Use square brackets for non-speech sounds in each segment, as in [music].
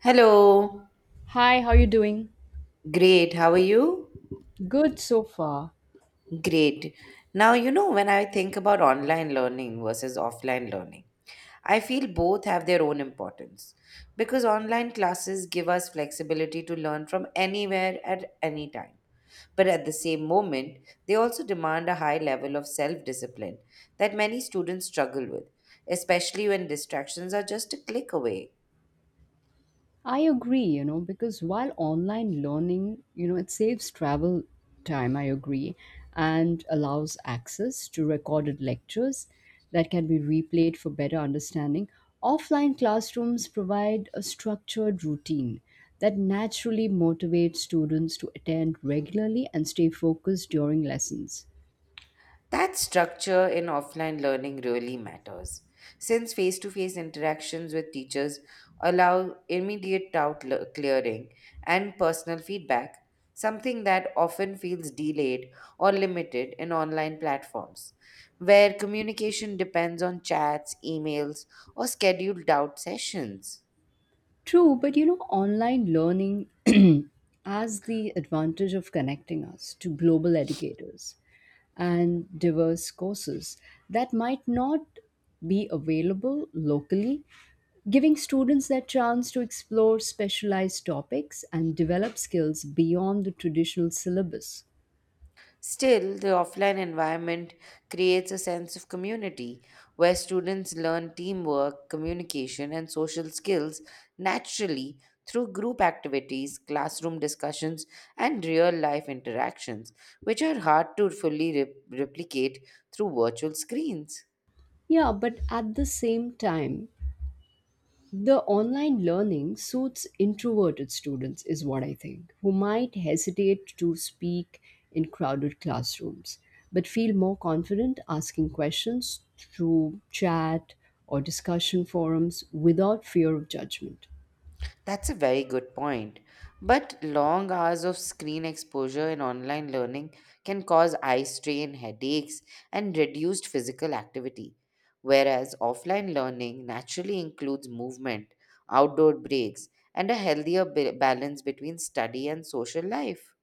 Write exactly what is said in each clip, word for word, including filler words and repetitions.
Hello. Hi, how you doing? Great. How are you? Good so far. Great. Now, you know, when I think about online learning versus offline learning, I feel both have their own importance because online classes give us flexibility to learn from anywhere at any time. But at the same moment, they also demand a high level of self discipline that many students struggle with, especially when distractions are just a click away. I agree, you know, because while online learning, you know, it saves travel time, I agree, and allows access to recorded lectures that can be replayed for better understanding. Offline classrooms provide a structured routine that naturally motivates students to attend regularly and stay focused during lessons. That structure in offline learning really matters, since face to face interactions with teachers allow immediate doubt le- clearing and personal feedback, something that often feels delayed or limited in online platforms, where communication depends on chats, emails, or scheduled doubt sessions. True, but you know, online learning [clears throat] has the advantage of connecting us to global educators and diverse courses that might not be available locally, giving students that chance to explore specialized topics and develop skills beyond the traditional syllabus. Still, the offline environment creates a sense of community where students learn teamwork, communication, and social skills naturally through group activities, classroom discussions, and real life interactions, which are hard to fully re- replicate through virtual screens. Yeah, but at the same time, the online learning suits introverted students is what I think who might hesitate to speak in crowded classrooms but feel more confident asking questions through chat or discussion forums without fear of judgment. That's a very good point. But long hours of screen exposure in online learning can cause eye strain, headaches, and reduced physical activity. Whereas offline learning naturally includes movement, outdoor breaks, and a healthier ba- balance between study and social life.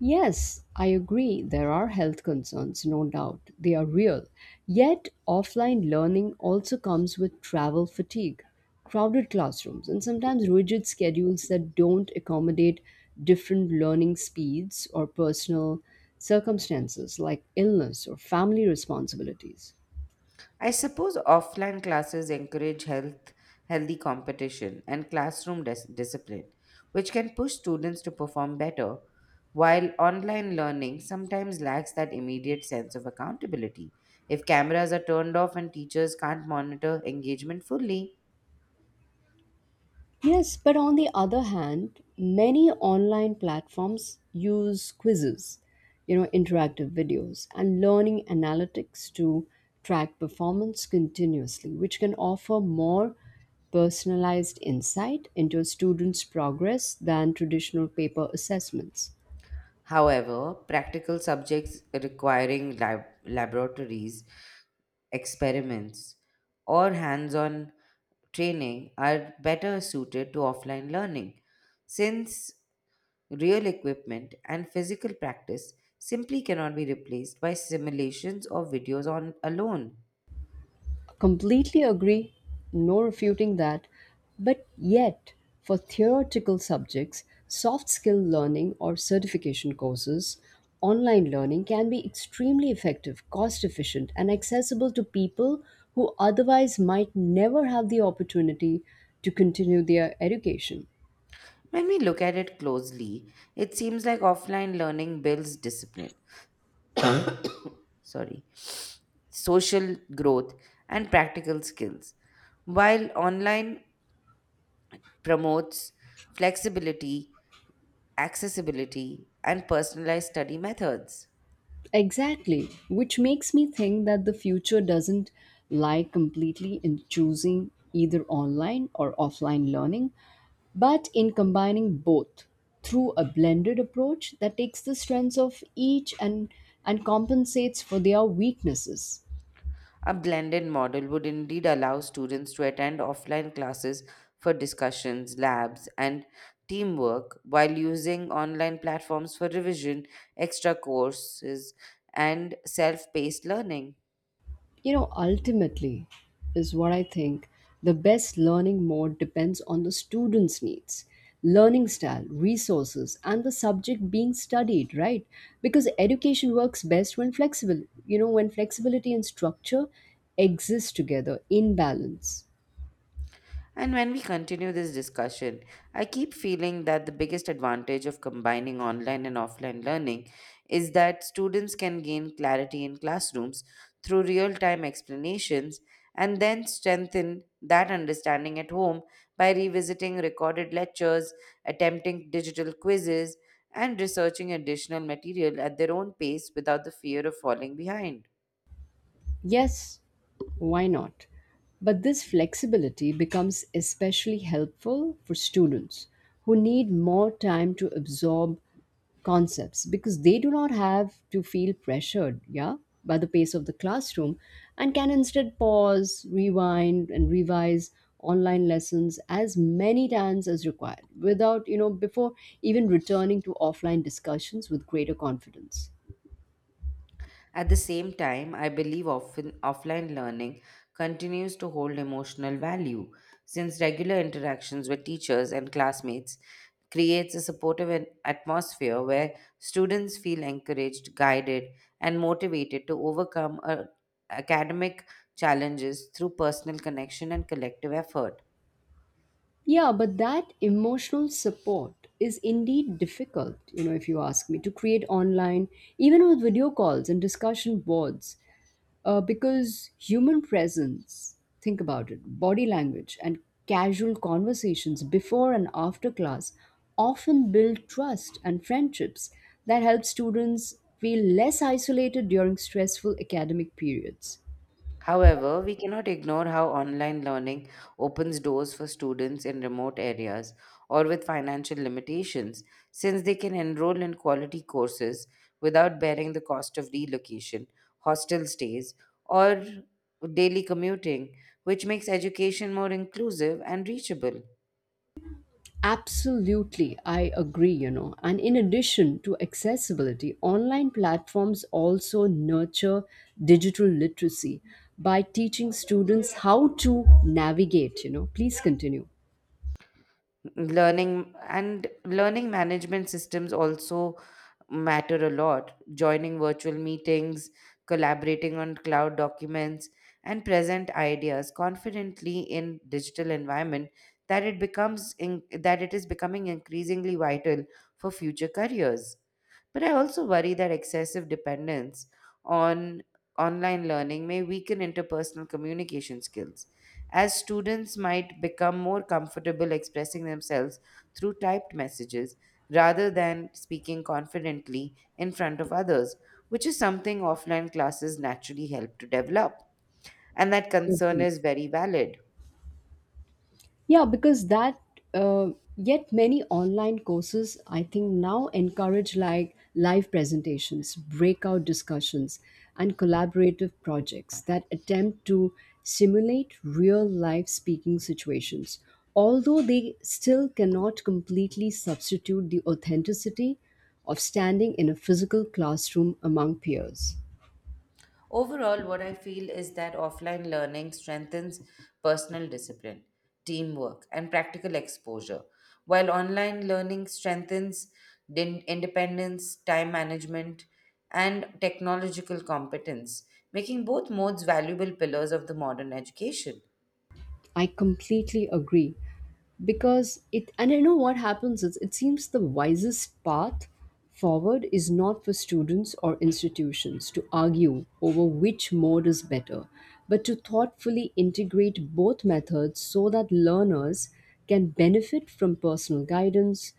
Yes, I agree. There are health concerns, no doubt. They are real. Yet, offline learning also comes with travel fatigue, crowded classrooms, and sometimes rigid schedules that don't accommodate different learning speeds or personal circumstances like illness or family responsibilities. I suppose offline classes encourage health, healthy competition and classroom dis- discipline, which can push students to perform better, while online learning sometimes lacks that immediate sense of accountability if cameras are turned off and teachers can't monitor engagement fully. Yes, but on the other hand, many online platforms use quizzes, you know, interactive videos, and learning analytics to track performance continuously, which can offer more personalized insight into a student's progress than traditional paper assessments. However, practical subjects requiring lab- laboratories experiments, or hands on training are better suited to offline learning, since real equipment and physical practice simply cannot be replaced by simulations or videos on alone. Completely agree, no refuting that. But yet, for theoretical subjects, soft skill learning or certification courses, online learning can be extremely effective, cost efficient, and accessible to people who otherwise might never have the opportunity to continue their education. When we look at it closely, it seems like offline learning builds discipline, sorry, social growth and practical skills, while online promotes flexibility accessibility, and personalized study methods. Exactly, which makes me think that the future doesn't lie completely in choosing either online or offline learning, but in combining both through a blended approach that takes the strengths of each and, and compensates for their weaknesses. A blended model would indeed allow students to attend offline classes for discussions, labs, and teamwork while using online platforms for revision, extra courses, and self paced learning. You know, ultimately, is what I think, the best learning mode depends on the student's needs, learning style, resources, and the subject being studied, right? Because education works best when flexible, you know, when flexibility and structure exist together in balance. And when we continue this discussion, I keep feeling that the biggest advantage of combining online and offline learning is that students can gain clarity in classrooms through real time explanations and then strengthen that understanding at home by revisiting recorded lectures, attempting digital quizzes, and researching additional material at their own pace without the fear of falling behind. Yes, why not? But this flexibility becomes especially helpful for students who need more time to absorb concepts because they do not have to feel pressured, yeah, by the pace of the classroom and can instead pause, rewind and revise online lessons as many times as required without, you know, before even returning to offline discussions with greater confidence. At the same time, I believe often offline learning continues to hold emotional value since regular interactions with teachers and classmates creates a supportive an- atmosphere where students feel encouraged, guided, and motivated to overcome uh, academic challenges through personal connection and collective effort. Yeah, but that emotional support is indeed difficult, you know, if you ask me, to create online, even with video calls and discussion boards, uh, because human presence, think about it, body language and casual conversations before and after class often build trust and friendships that help students feel less isolated during stressful academic periods. However, we cannot ignore how online learning opens doors for students in remote areas or with financial limitations, since they can enroll in quality courses without bearing the cost of relocation, hostel stays, or daily commuting, which makes education more inclusive and reachable. Absolutely, I agree, you know. And in addition to accessibility, online platforms also nurture digital literacy by teaching students how to navigate, you know. Please continue. Learning and learning management systems also matter a lot, joining virtual meetings, collaborating on cloud documents, and present ideas confidently in digital environment that it becomes in, that it is becoming increasingly vital for future careers. But I also worry that excessive dependence on online learning may weaken interpersonal communication skills as students might become more comfortable expressing themselves through typed messages rather than speaking confidently in front of others, which is something offline classes naturally help to develop. And that concern Okay. is very valid. Yeah, because that, uh, yet many online courses, I think, now encourage like live presentations, breakout discussions, and collaborative projects that attempt to simulate real life speaking situations. Although they still cannot completely substitute the authenticity of standing in a physical classroom among peers. Overall, what I feel is that offline learning strengthens personal discipline, teamwork, and practical exposure, while online learning strengthens din- independence, time management, and technological competence, making both modes valuable pillars of the modern education. I completely agree because it and I know what happens is it seems the wisest path forward is not for students or institutions to argue over which mode is better but to thoughtfully integrate both methods so that learners can benefit from personal guidance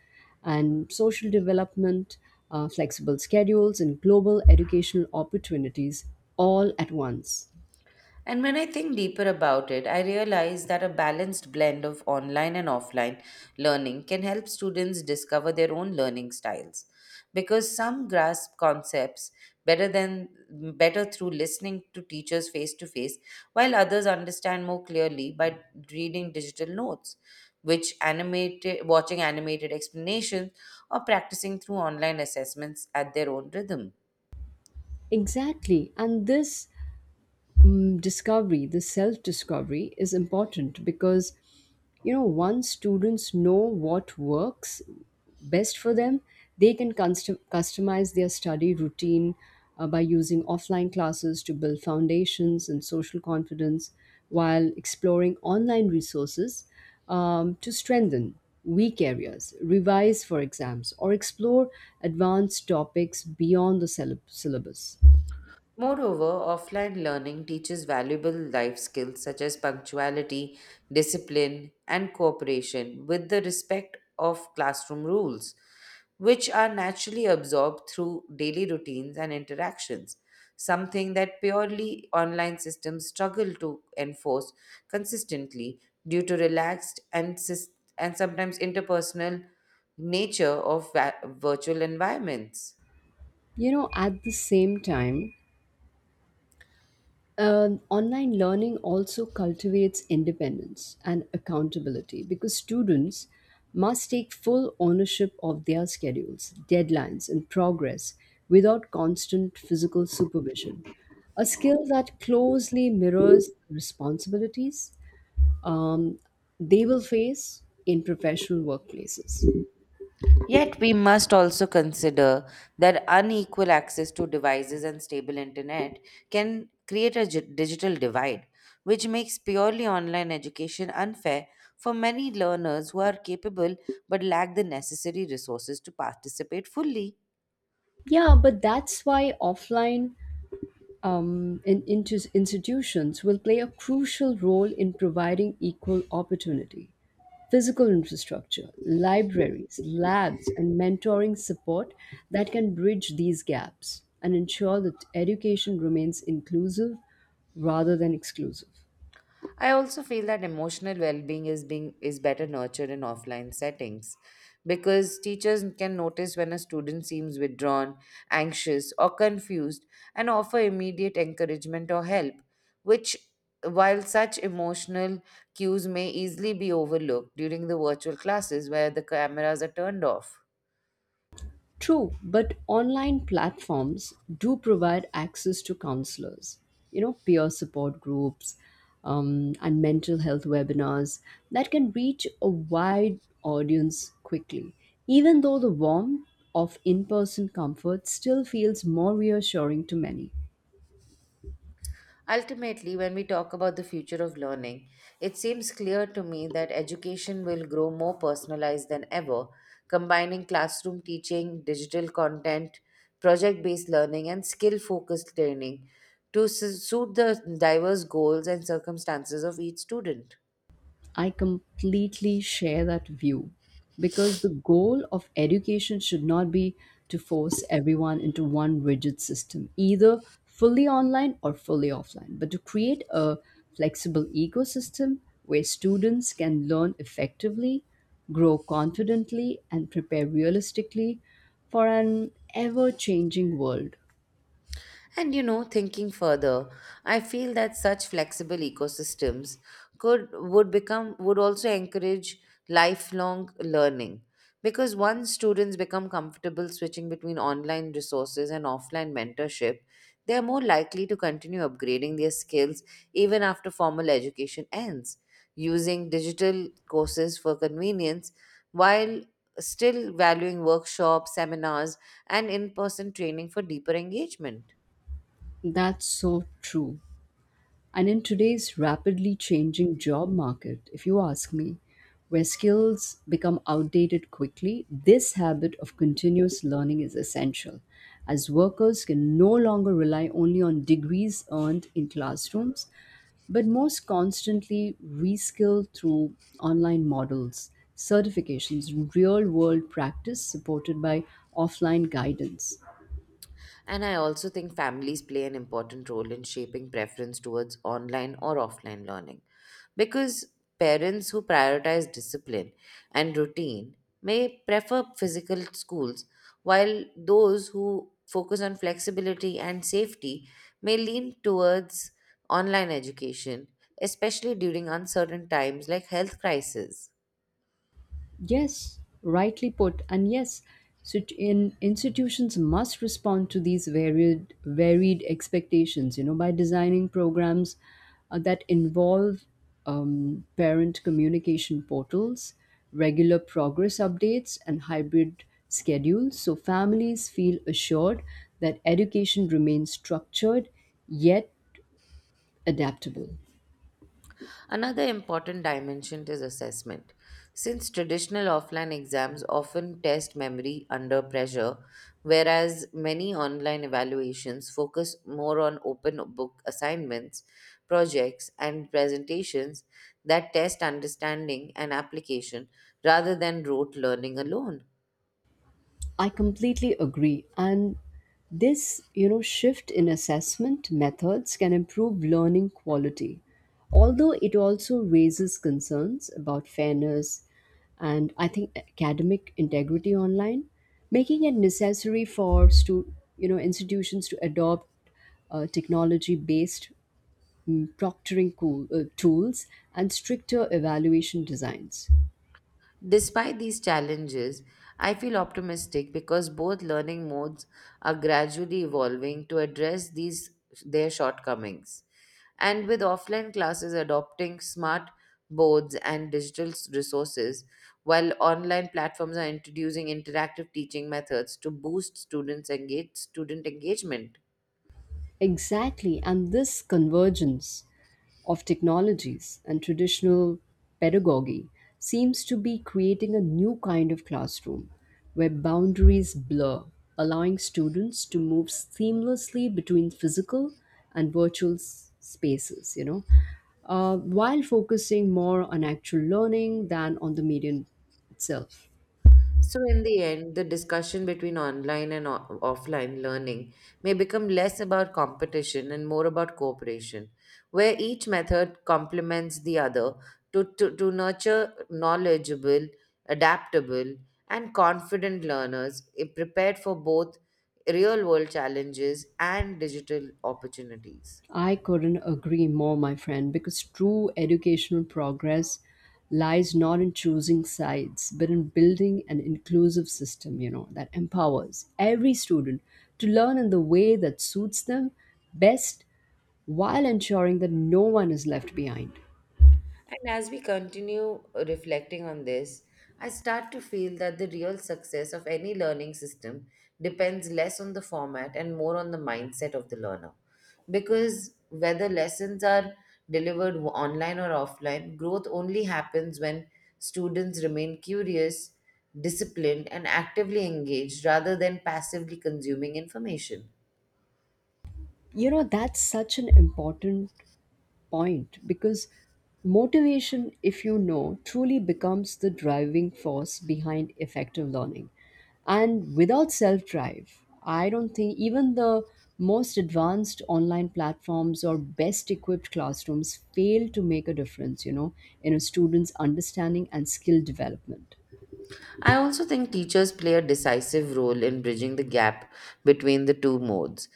and social development, uh, flexible schedules and global educational opportunities all at once. And when I think deeper about it, I realize that a balanced blend of online and offline learning can help students discover their own learning styles because some grasp concepts better than better through listening to teachers face to face, while others understand more clearly by reading digital notes, which animated watching animated explanations, or practicing through online assessments at their own rhythm. Exactly. And this, mm, discovery, the self discovery is important because, you know, once students know what works best for them, they can custom- customize their study routine uh, by using offline classes to build foundations and social confidence while exploring online resources um, to strengthen weak areas, revise for exams, or explore advanced topics beyond the syllab- syllabus. Moreover, offline learning teaches valuable life skills such as punctuality, discipline, and cooperation with the respect of classroom rules, which are naturally absorbed through daily routines and interactions, something that purely online systems struggle to enforce consistently due to relaxed and, sys- and sometimes interpersonal nature of va- virtual environments. You know, at the same time, Um, online learning also cultivates independence and accountability because students must take full ownership of their schedules, deadlines, and progress without constant physical supervision. A skill that closely mirrors the responsibilities um, they will face in professional workplaces. Yet, we must also consider that unequal access to devices and stable internet can create a gi- digital divide, which makes purely online education unfair for many learners who are capable but lack the necessary resources to participate fully. Yeah, but that's why offline um, and inti- institutions will play a crucial role in providing equal opportunity. Physical infrastructure, libraries, labs, and mentoring support that can bridge these gaps and ensure that education remains inclusive rather than exclusive. I also feel that emotional well-being is being is better nurtured in offline settings because teachers can notice when a student seems withdrawn, anxious, or confused and offer immediate encouragement or help, which while such emotional cues may easily be overlooked during the virtual classes where the cameras are turned off. True, but online platforms do provide access to counselors, you know, peer support groups, um, and mental health webinars that can reach a wide audience quickly. Even though the warmth of in person comfort still feels more reassuring to many. Ultimately, when we talk about the future of learning, it seems clear to me that education will grow more personalized than ever, combining classroom teaching, digital content, project based learning, and skill focused training to su- suit the diverse goals and circumstances of each student. I completely share that view because the goal of education should not be to force everyone into one rigid system, either fully online or fully offline, but to create a flexible ecosystem where students can learn effectively, grow confidently, and prepare realistically for an ever changing world. And you know, thinking further, I feel that such flexible ecosystems could would become would also encourage lifelong learning, because once students become comfortable switching between online resources and offline mentorship, they are more likely to continue upgrading their skills even after formal education ends, using digital courses for convenience while still valuing workshops, seminars, and in person training for deeper engagement. That's so true. And in today's rapidly changing job market, if you ask me, where skills become outdated quickly, this habit of continuous learning is essential, as workers can no longer rely only on degrees earned in classrooms, but most constantly reskill through online models, certifications, real world practice supported by offline guidance. And I also think families play an important role in shaping preference towards online or offline learning. Because parents who prioritize discipline and routine may prefer physical schools, while those who focus on flexibility and safety may lean towards online education, especially during uncertain times like health crisis. Yes, rightly put. And yes, sit- in institutions must respond to these varied varied expectations, you know, by designing programs uh, that involve um, parent communication portals, regular progress updates, and hybrid schedules, so families feel assured that education remains structured yet adaptable. Another important dimension is assessment. Since traditional offline exams often test memory under pressure, whereas many online evaluations focus more on open book assignments, projects, and presentations that test understanding and application rather than rote learning alone. I completely agree. And this, you know, shift in assessment methods can improve learning quality. Although it also raises concerns about fairness and I think academic integrity online, making it necessary for stu- you know institutions to adopt uh, technology-based, mm, proctoring cool, uh, tools and stricter evaluation designs. Despite these challenges, I feel optimistic because both learning modes are gradually evolving to address these their shortcomings. And with offline classes adopting smart boards and digital s- resources, while online platforms are introducing interactive teaching methods to boost students engage student engagement. Exactly, and this convergence of technologies and traditional pedagogy seems to be creating a new kind of classroom where boundaries blur, allowing students to move seamlessly between physical and virtual s- spaces, you know, uh, while focusing more on actual learning than on the medium itself. So, in the end, the discussion between online and o- offline learning may become less about competition and more about cooperation, where each method complements the other to, to, to nurture knowledgeable, adaptable, and confident learners eh, prepared for both real world challenges and digital opportunities. I couldn't agree more, my friend, because true educational progress lies not in choosing sides, but in building an inclusive system, you know, that empowers every student to learn in the way that suits them best while ensuring that no one is left behind. And as we continue reflecting on this, I start to feel that the real success of any learning system depends less on the format and more on the mindset of the learner. Because whether lessons are delivered online or offline, growth only happens when students remain curious, disciplined, and actively engaged rather than passively consuming information. You know, that's such an important point because motivation, if you know, truly becomes the driving force behind effective learning. And without self drive, I don't think even the most advanced online platforms or best equipped classrooms fail to make a difference, you know, in a student's understanding and skill development. I also think teachers play a decisive role in bridging the gap between the two modes.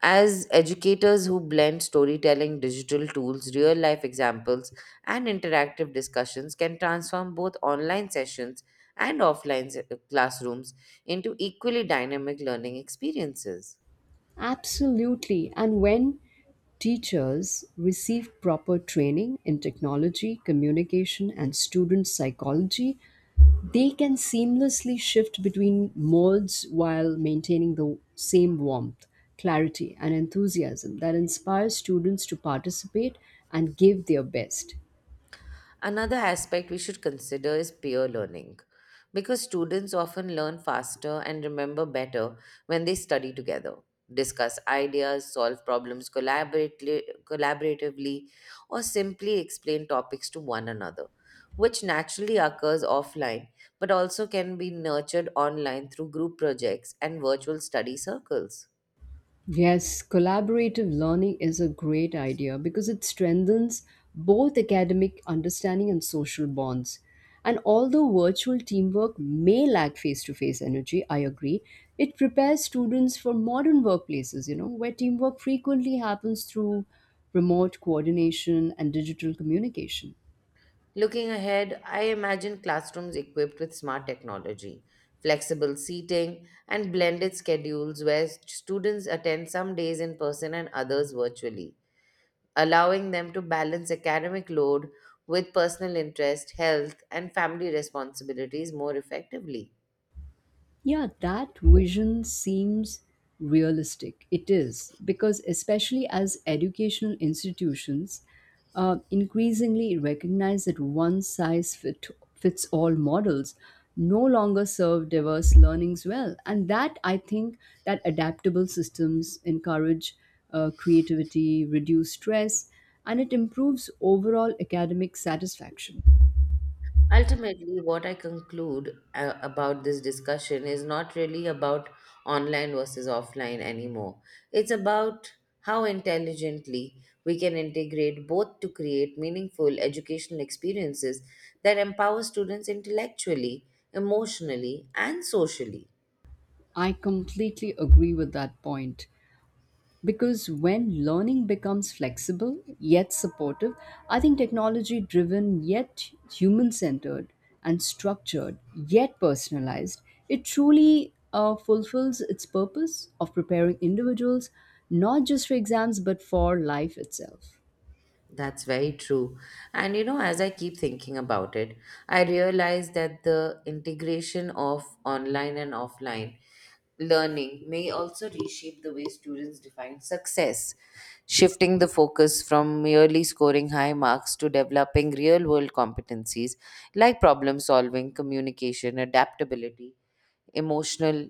As educators who blend storytelling, digital tools, real life examples, and interactive discussions can transform both online sessions and offline se- classrooms into equally dynamic learning experiences. Absolutely. And when teachers receive proper training in technology, communication, and student psychology, they can seamlessly shift between modes while maintaining the same warmth, clarity, and enthusiasm that inspires students to participate and give their best. Another aspect we should consider is peer learning, because students often learn faster and remember better when they study together, discuss ideas, solve problems collaboratively, collaboratively, or simply explain topics to one another, which naturally occurs offline but also can be nurtured online through group projects and virtual study circles. Yes, collaborative learning is a great idea because it strengthens both academic understanding and social bonds. And although virtual teamwork may lack face to face energy, I agree, it prepares students for modern workplaces, you know, where teamwork frequently happens through remote coordination and digital communication. Looking ahead, I imagine classrooms equipped with smart technology, flexible seating, and blended schedules where students attend some days in person and others virtually, allowing them to balance academic load with personal interest, health, and family responsibilities more effectively. Yeah, that vision seems realistic. It is, because especially as educational institutions uh, increasingly recognize that one size fit, fits all models no longer serve diverse learnings well. And that, I think, that adaptable systems encourage uh, creativity, reduce stress, and it improves overall academic satisfaction. Ultimately, what I conclude uh, about this discussion is not really about online versus offline anymore. It's about how intelligently we can integrate both to create meaningful educational experiences that empower students intellectually, emotionally, and socially. I completely agree with that point. Because when learning becomes flexible yet supportive, I think technology driven yet human centered and structured yet personalized, it truly uh, fulfills its purpose of preparing individuals not just for exams but for life itself. That's very true. And you know, as I keep thinking about it, I realize that the integration of online and offline learning may also reshape the way students define success, shifting the focus from merely scoring high marks to developing real world competencies like problem solving, communication, adaptability, emotional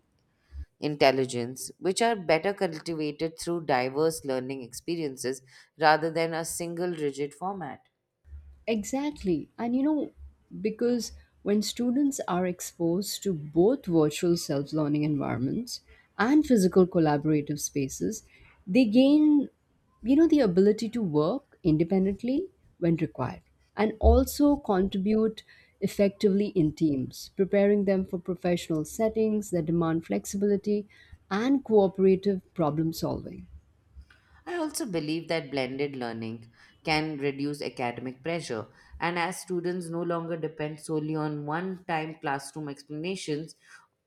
intelligence, which are better cultivated through diverse learning experiences rather than a single rigid format. Exactly. And you know, because when students are exposed to both virtual self learning environments and physical collaborative spaces, they gain, you know, the ability to work independently when required and also contribute effectively in teams, preparing them for professional settings that demand flexibility and cooperative problem solving. I also believe that blended learning can reduce academic pressure, and as students no longer depend solely on one time classroom explanations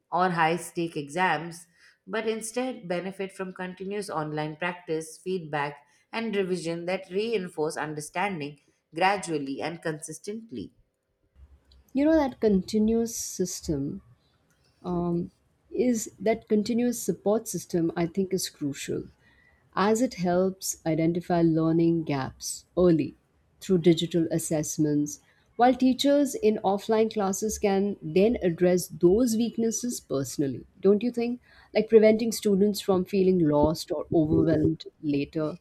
or high stake exams, but instead benefit from continuous online practice, feedback, and revision that reinforce understanding gradually and consistently. You know that continuous system um, is that continuous support system I think is crucial as it helps identify learning gaps early through digital assessments while teachers in offline classes can then address those weaknesses personally, don't you think, like preventing students from feeling lost or overwhelmed later.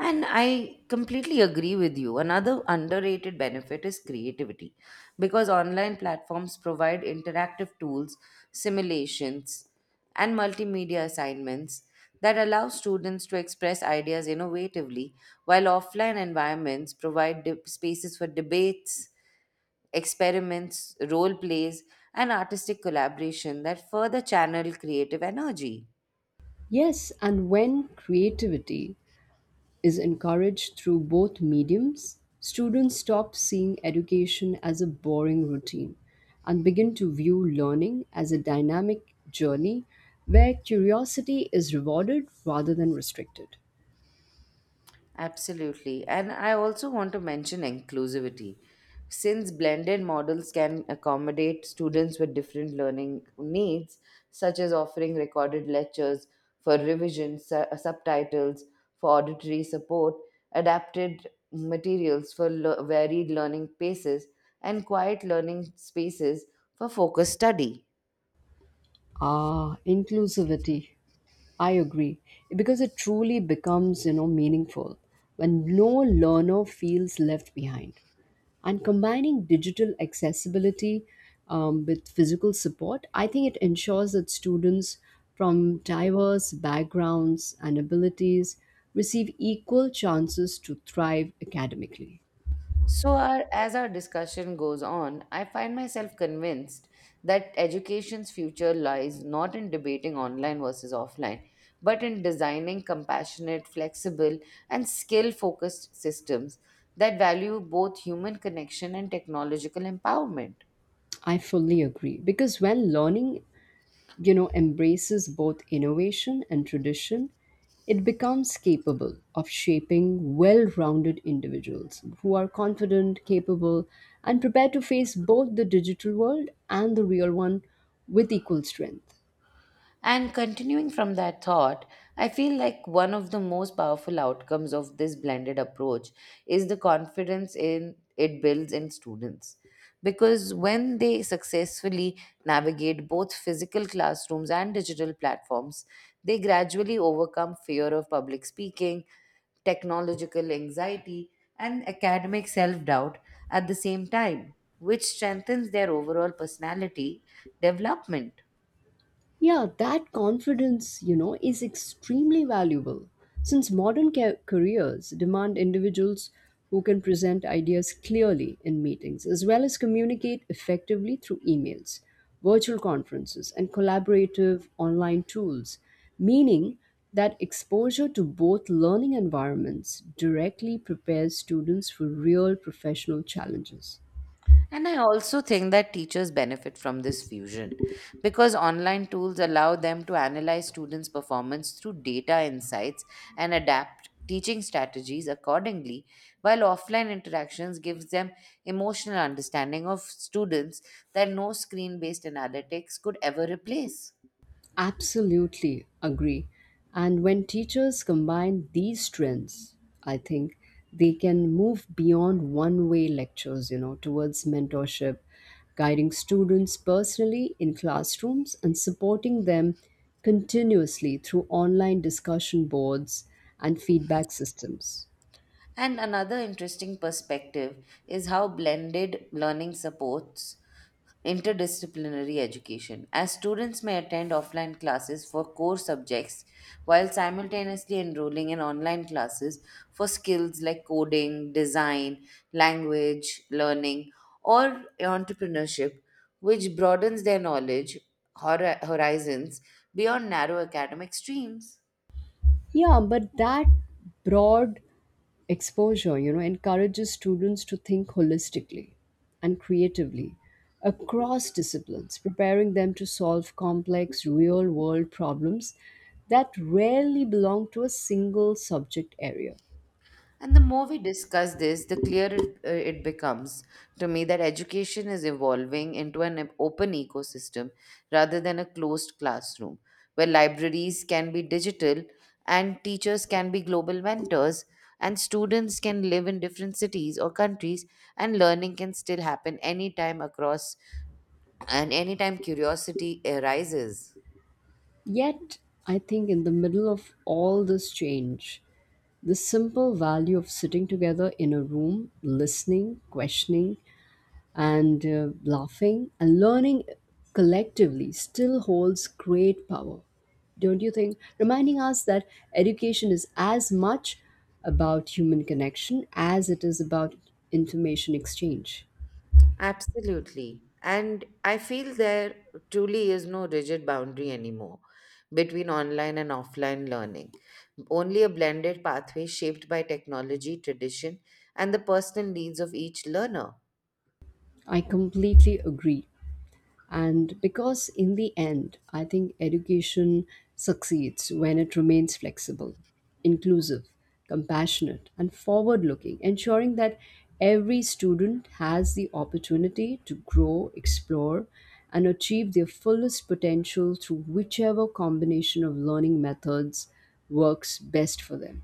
And I completely agree with you. Another underrated benefit is creativity because online platforms provide interactive tools, simulations, and multimedia assignments that allow students to express ideas innovatively, while offline environments provide de- spaces for debates, experiments, role plays, and artistic collaboration that further channel creative energy. Yes, and when creativity is encouraged through both mediums, students stop seeing education as a boring routine and begin to view learning as a dynamic journey where curiosity is rewarded rather than restricted. Absolutely. And I also want to mention inclusivity. Since blended models can accommodate students with different learning needs, such as offering recorded lectures for revision, su- subtitles for auditory support, adapted materials for le- varied learning paces, and quiet learning spaces for focused study. Ah, inclusivity. I agree because it truly becomes, you know, meaningful when no learner feels left behind. And combining digital accessibility, um, with physical support I think it ensures that students from diverse backgrounds and abilities receive equal chances to thrive academically. So, our, as our discussion goes on, I find myself convinced that education's future lies not in debating online versus offline, but in designing compassionate, flexible, and skill focused systems that value both human connection and technological empowerment. I fully agree because when learning, you know, embraces both innovation and tradition, it becomes capable of shaping well-rounded individuals who are confident, capable and prepared to face both the digital world and the real one with equal strength. And continuing from that thought, I feel like one of the most powerful outcomes of this blended approach is the confidence in it builds in students. Because when they successfully navigate both physical classrooms and digital platforms, they gradually overcome fear of public speaking, technological anxiety, and academic self doubt at the same time, which strengthens their overall personality development. Yeah, that confidence, you know, is extremely valuable since modern ca- careers demand individuals who can present ideas clearly in meetings as well as communicate effectively through emails, virtual conferences, and collaborative online tools, meaning that exposure to both learning environments directly prepares students for real professional challenges. And I also think that teachers benefit from this fusion because online tools allow them to analyze students' performance through data insights and adapt teaching strategies accordingly, while offline interactions gives them emotional understanding of students that no screen-based analytics could ever replace. Absolutely agree. And when teachers combine these strengths, I think they can move beyond one way lectures, you know, towards mentorship, guiding students personally in classrooms and supporting them continuously through online discussion boards and feedback systems. And another interesting perspective is how blended learning supports interdisciplinary education, as students may attend offline classes for core subjects while simultaneously enrolling in online classes for skills like coding, design, language learning, or entrepreneurship, which broadens their knowledge hori- horizons beyond narrow academic streams. Yeah, but that broad exposure, you know, encourages students to think holistically and creatively across disciplines, preparing them to solve complex real world problems that rarely belong to a single subject area. And the more we discuss this, the clearer it, uh, it becomes to me that education is evolving into an open ecosystem rather than a closed classroom, where libraries can be digital and teachers can be global mentors and students can live in different cities or countries and learning can still happen anytime across and anytime curiosity arises. Yet, I think in the middle of all this change, the simple value of sitting together in a room, listening, questioning, and uh, laughing and learning collectively still holds great power. Don't you think? Reminding us that education is as much about human connection as it is about information exchange. Absolutely. And I feel there truly is no rigid boundary anymore between online and offline learning. Only a blended pathway shaped by technology, tradition, and the personal needs of each learner. I completely agree. And because in the end, I think education succeeds when it remains flexible, inclusive, compassionate, and forward looking, ensuring that every student has the opportunity to grow, explore, and achieve their fullest potential through whichever combination of learning methods works best for them.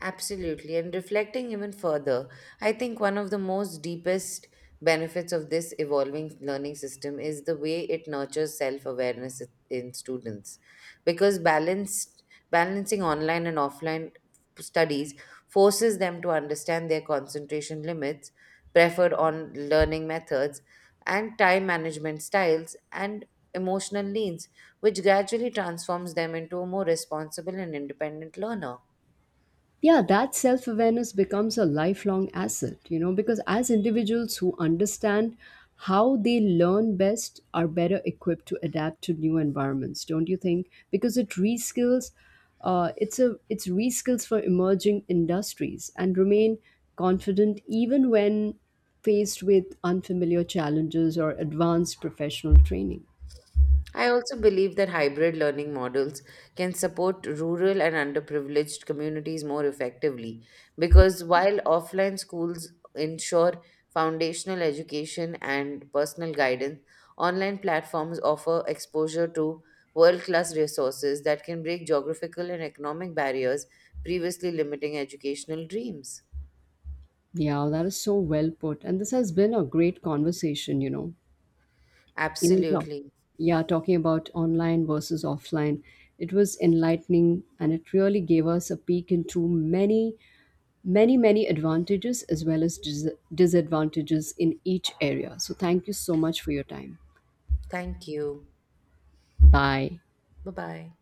Absolutely. And reflecting even further, I think one of the most deepest benefits of this evolving learning system is the way it nurtures self awareness in students. Because balanced, balancing online and offline studies forces them to understand their concentration limits, preferred on learning methods, and time management styles, and emotional needs, which gradually transforms them into a more responsible and independent learner. Yeah, that self awareness becomes a lifelong asset, you know, because as individuals who understand how they learn best are better equipped to adapt to new environments, don't you think, because it reskills uh, it's a it's reskills for emerging industries and remain confident even when faced with unfamiliar challenges or advanced professional training. I also believe that hybrid learning models can support rural and underprivileged communities more effectively because while offline schools ensure foundational education and personal guidance, online platforms offer exposure to world class resources that can break geographical and economic barriers previously limiting educational dreams. Yeah, that is so well put, and this has been a great conversation, you know. you know talk, Absolutely. yeah, talking about online versus offline, it was enlightening and it really gave us a peek into many many many advantages as well as dis- disadvantages in each area, so thank you so much for your time. Thank you. Bye. Bye bye.